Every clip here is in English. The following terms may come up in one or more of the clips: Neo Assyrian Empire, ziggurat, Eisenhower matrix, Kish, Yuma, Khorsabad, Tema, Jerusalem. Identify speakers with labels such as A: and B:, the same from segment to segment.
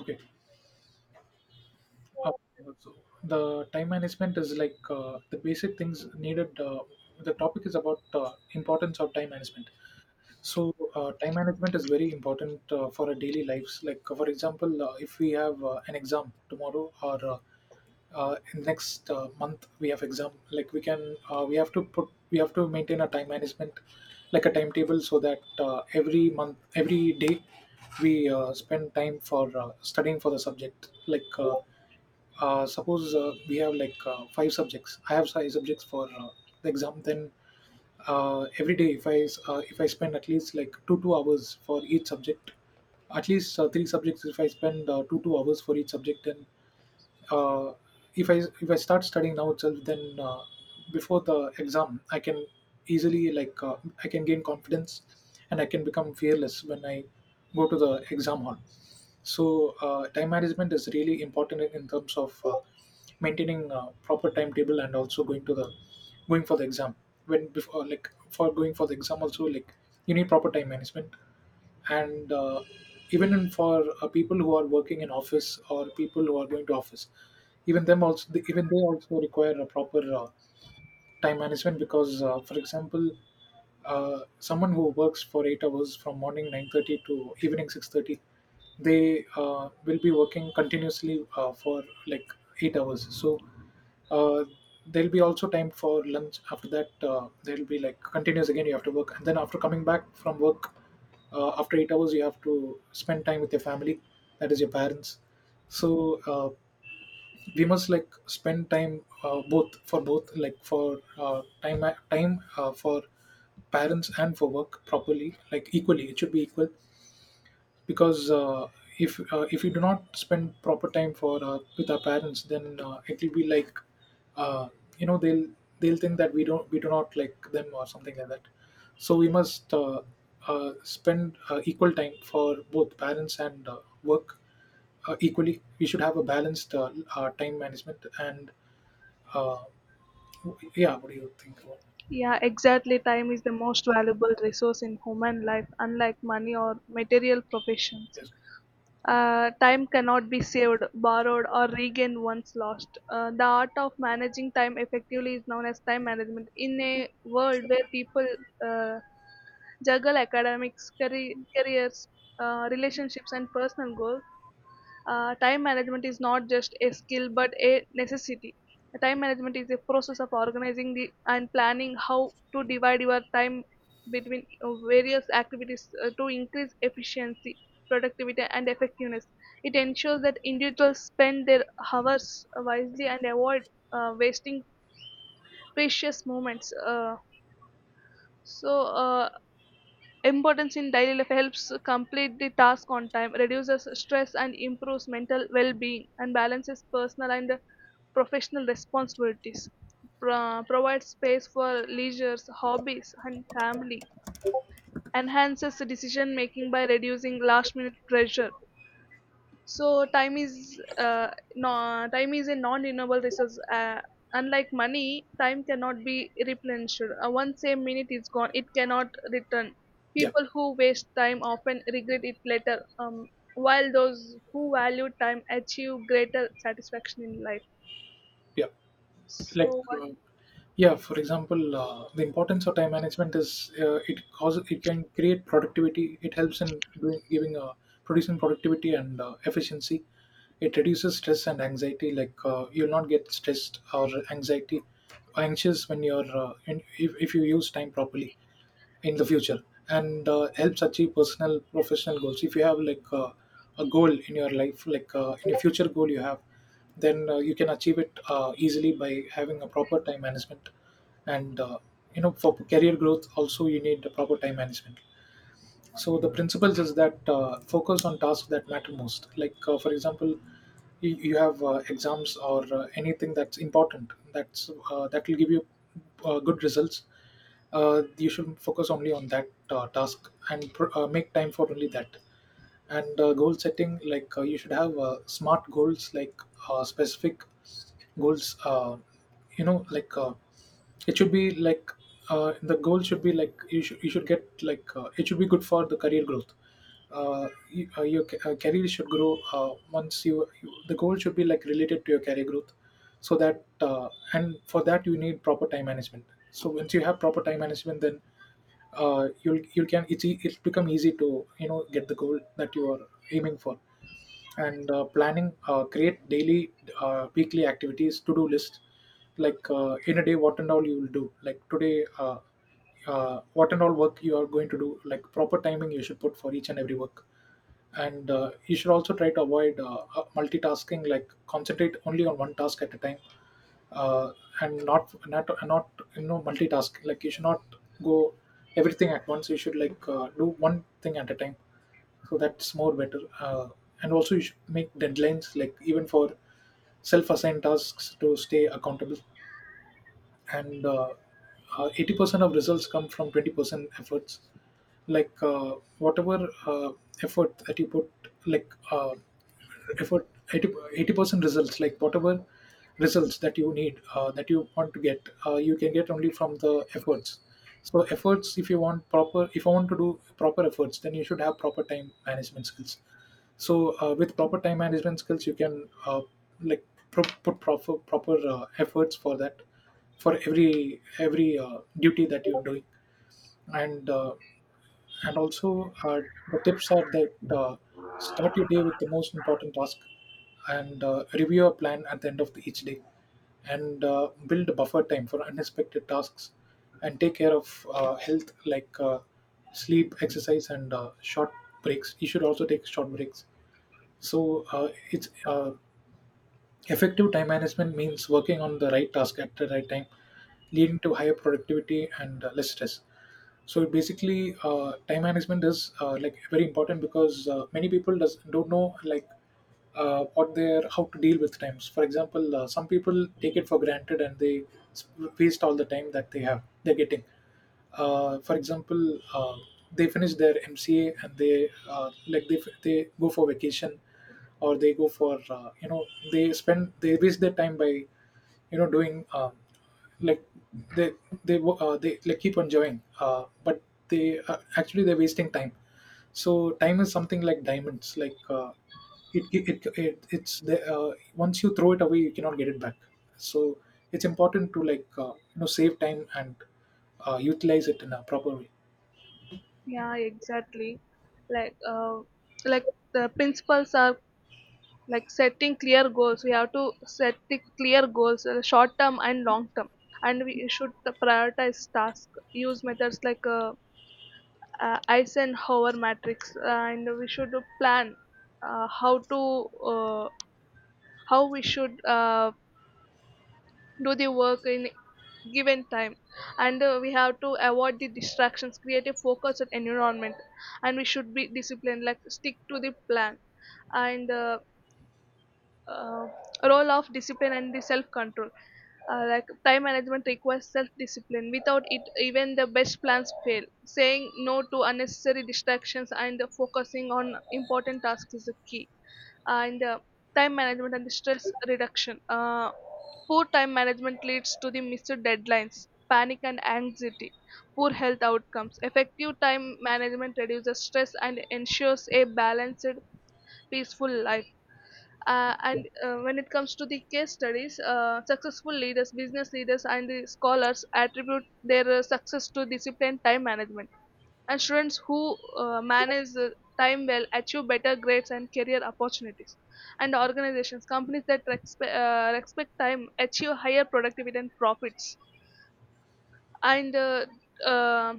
A: Okay. Uh, so the time management is like the basic things needed. The topic is about importance of time management. So time management is very important for our daily lives. Like for example, if we have an exam tomorrow or in next month we have exam, like we have to put we have to maintain a time management, like a timetable, so that every month every day we spend time for studying for the subject. Like suppose we have like five subjects I have five subjects for the exam. Then every day if I spend at least like two two hours for each subject, at least three subjects if I spend two two hours for each subject, then uh, if I start studying now itself, then before the exam, I can easily I can gain confidence, and I can become fearless when I go to the exam hall. So time management is really important in terms of maintaining proper timetable and also going for the exam. When before, like for going for the exam also, like you need proper time management. And Even in for people who are working in office or people who are going to office, even they also require a proper time management because, for example, someone who works for 8 hours from morning 9:30 to evening 6:30, they will be working continuously for like 8 hours. So uh, there'll be also time for lunch. After that, there'll be like continuous again. You have to work, and then after coming back from work, after 8 hours, you have to spend time with your family, that is your parents. So uh, we must like spend time both for both like for time for parents and for work properly, like equally, it should be equal because, if we do not spend proper time for with our parents, then it will be like, uh, you know, they'll think that we do not like them or something like that. So we must spend equal time for both parents and work equally. We should have a balanced time management. And uh, yeah, what do you think about
B: Yeah, exactly. Time is the most valuable resource in human life, unlike money or material professions.
A: this?
B: Time cannot be saved, borrowed, or regained once lost. The art of managing time effectively is known as time management. In a world where people uh, juggle academics, careers, relationships, and personal goals, time management is not just a skill but a necessity. Time management is a process of organizing and planning how to divide your time between various activities to increase efficiency, productivity, and effectiveness. It ensures that individuals spend their hours wisely and avoid wasting precious moments. So, importance in daily life helps complete the task on time, reduces stress and improves mental well-being and balances personal and professional responsibilities, provides space for leisures, hobbies and family, enhances decision making by reducing last minute pressure, so time is no, time is a non-renewable resource. Unlike money, time cannot be replenished. Once a minute is gone, it cannot return.
A: Yeah.
B: People who waste time often regret it later. While those who value time achieve greater satisfaction in life.
A: Yeah. like
B: So what?
A: uh, yeah, for example, the importance of time management is, it can create productivity. It helps in doing, giving producing productivity and efficiency. It reduces stress and anxiety. You'll not get stressed or anxiety, anxious when you're if you use time properly in the future. And helps achieve personal professional goals. If you have a goal in your life, in a future goal you have, then you can achieve it easily by having a proper time management. And you know, for career growth also, you need the proper time management. So the principles is that, focus on tasks that matter most. For example, you have exams or anything that's important, that's that will give you good results, you should focus only on that task and make time for only that. And goal setting, you should have smart goals, specific goals, you know, it should be like, the goal should be like, you should get like, it should be good for the career growth. Uh, you, your ca- career should grow. You, the goal should be like related to your career growth, so that and for that you need proper time management. So once you have proper time management, then you'll you can it's it's become easy to, you know, get the goal that you are aiming for. And planning, create daily weekly activities to do list. In a day, what and all you will do, like today what and all work you are going to do, like proper timing you should put for each and every work. And you should also try to avoid multitasking, like concentrate only on one task at a time. Uh, and not, you know, multitask. Like you should not go everything at once. You should do one thing at a time. So that's more better. Uh, and also you should make deadlines, like even for self-assigned tasks to stay accountable. And 80% of results come from 20% efforts. Whatever effort that you put, like uh, effort, 80 percent results, like whatever results that you need, that you want to get, you can get only from the efforts. So efforts, if you want proper, if you want to do proper efforts, then you should have proper time management skills. So with proper time management skills, you can like put proper efforts for that, for every duty that you're doing. And uh, and also The tips are that, start your day with the most important task, and review a plan at the end of the, each day, and build a buffer time for unexpected tasks, and take care of health, sleep, exercise, and short breaks. You should also take short breaks. So it's effective time management means working on the right task at the right time, leading to higher productivity and less stress. So basically, time management is, like very important because, many people don't know, what they're, how to deal with times. For example, some people take it for granted and s- waste all the time that they have, they're getting. For example They finish their mca and they like they go for vacation or they go for, you know, they waste their time by, you know, doing like they they like keep on going, but they actually they're wasting time. So time is something like diamonds. It, it, it, it's the, once you throw it away, you cannot get it back. So it's important to, you know, save time and utilize it in a proper way.
B: Yeah, exactly. Like uh, like the principles are like setting clear goals. We have to set the clear goals, short term and long term, and we should prioritize tasks, use methods like Eisenhower matrix, and we should plan uh, how to uh, how we should do the work in given time. And we have to avoid the distractions, create a focused environment, and we should be disciplined, like stick to the plan. And uh, uh, role of discipline and the self control. Like time management requires self discipline. Without it, even the best plans fail. Saying no to unnecessary distractions and focusing on important tasks is a key. And time management and stress reduction. Poor time management leads to the missed deadlines, panic, and anxiety. Poor health outcomes. Effective time management reduces stress and ensures a balanced, peaceful life, and when it comes to the case studies, successful leaders, business leaders, and the scholars attribute their success to discipline, time management. And students who manage time well achieve better grades and career opportunities. And organizations, companies that respect time achieve higher productivity and profits. And uh,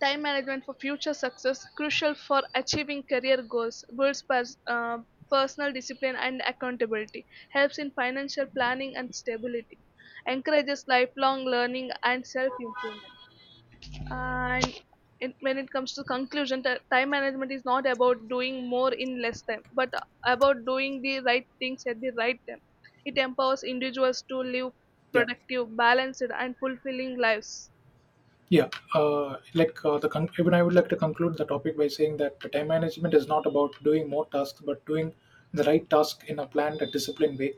B: Time management for future success, crucial for achieving career goals, builds personal discipline and accountability, helps in financial planning and stability, encourages lifelong learning and self improvement. And it, when it comes to conclusion, time management is not about doing more in less time, but about doing the right things at the right time. It empowers individuals to live
A: Yeah.
B: productive, balanced, and fulfilling lives.
A: Yeah, even I would like to conclude the topic by saying that the time management is not about doing more tasks, but doing the right task in a planned and disciplined way,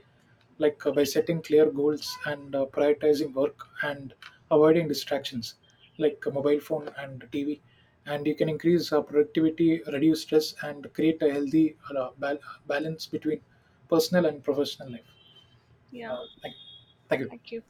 A: by setting clear goals and prioritizing work and avoiding distractions like a mobile phone and TV. And you can increase productivity, reduce stress, and create a healthy balance between personal and professional life.
B: Yeah,
A: Uh, thank, Thank you.
B: thank you.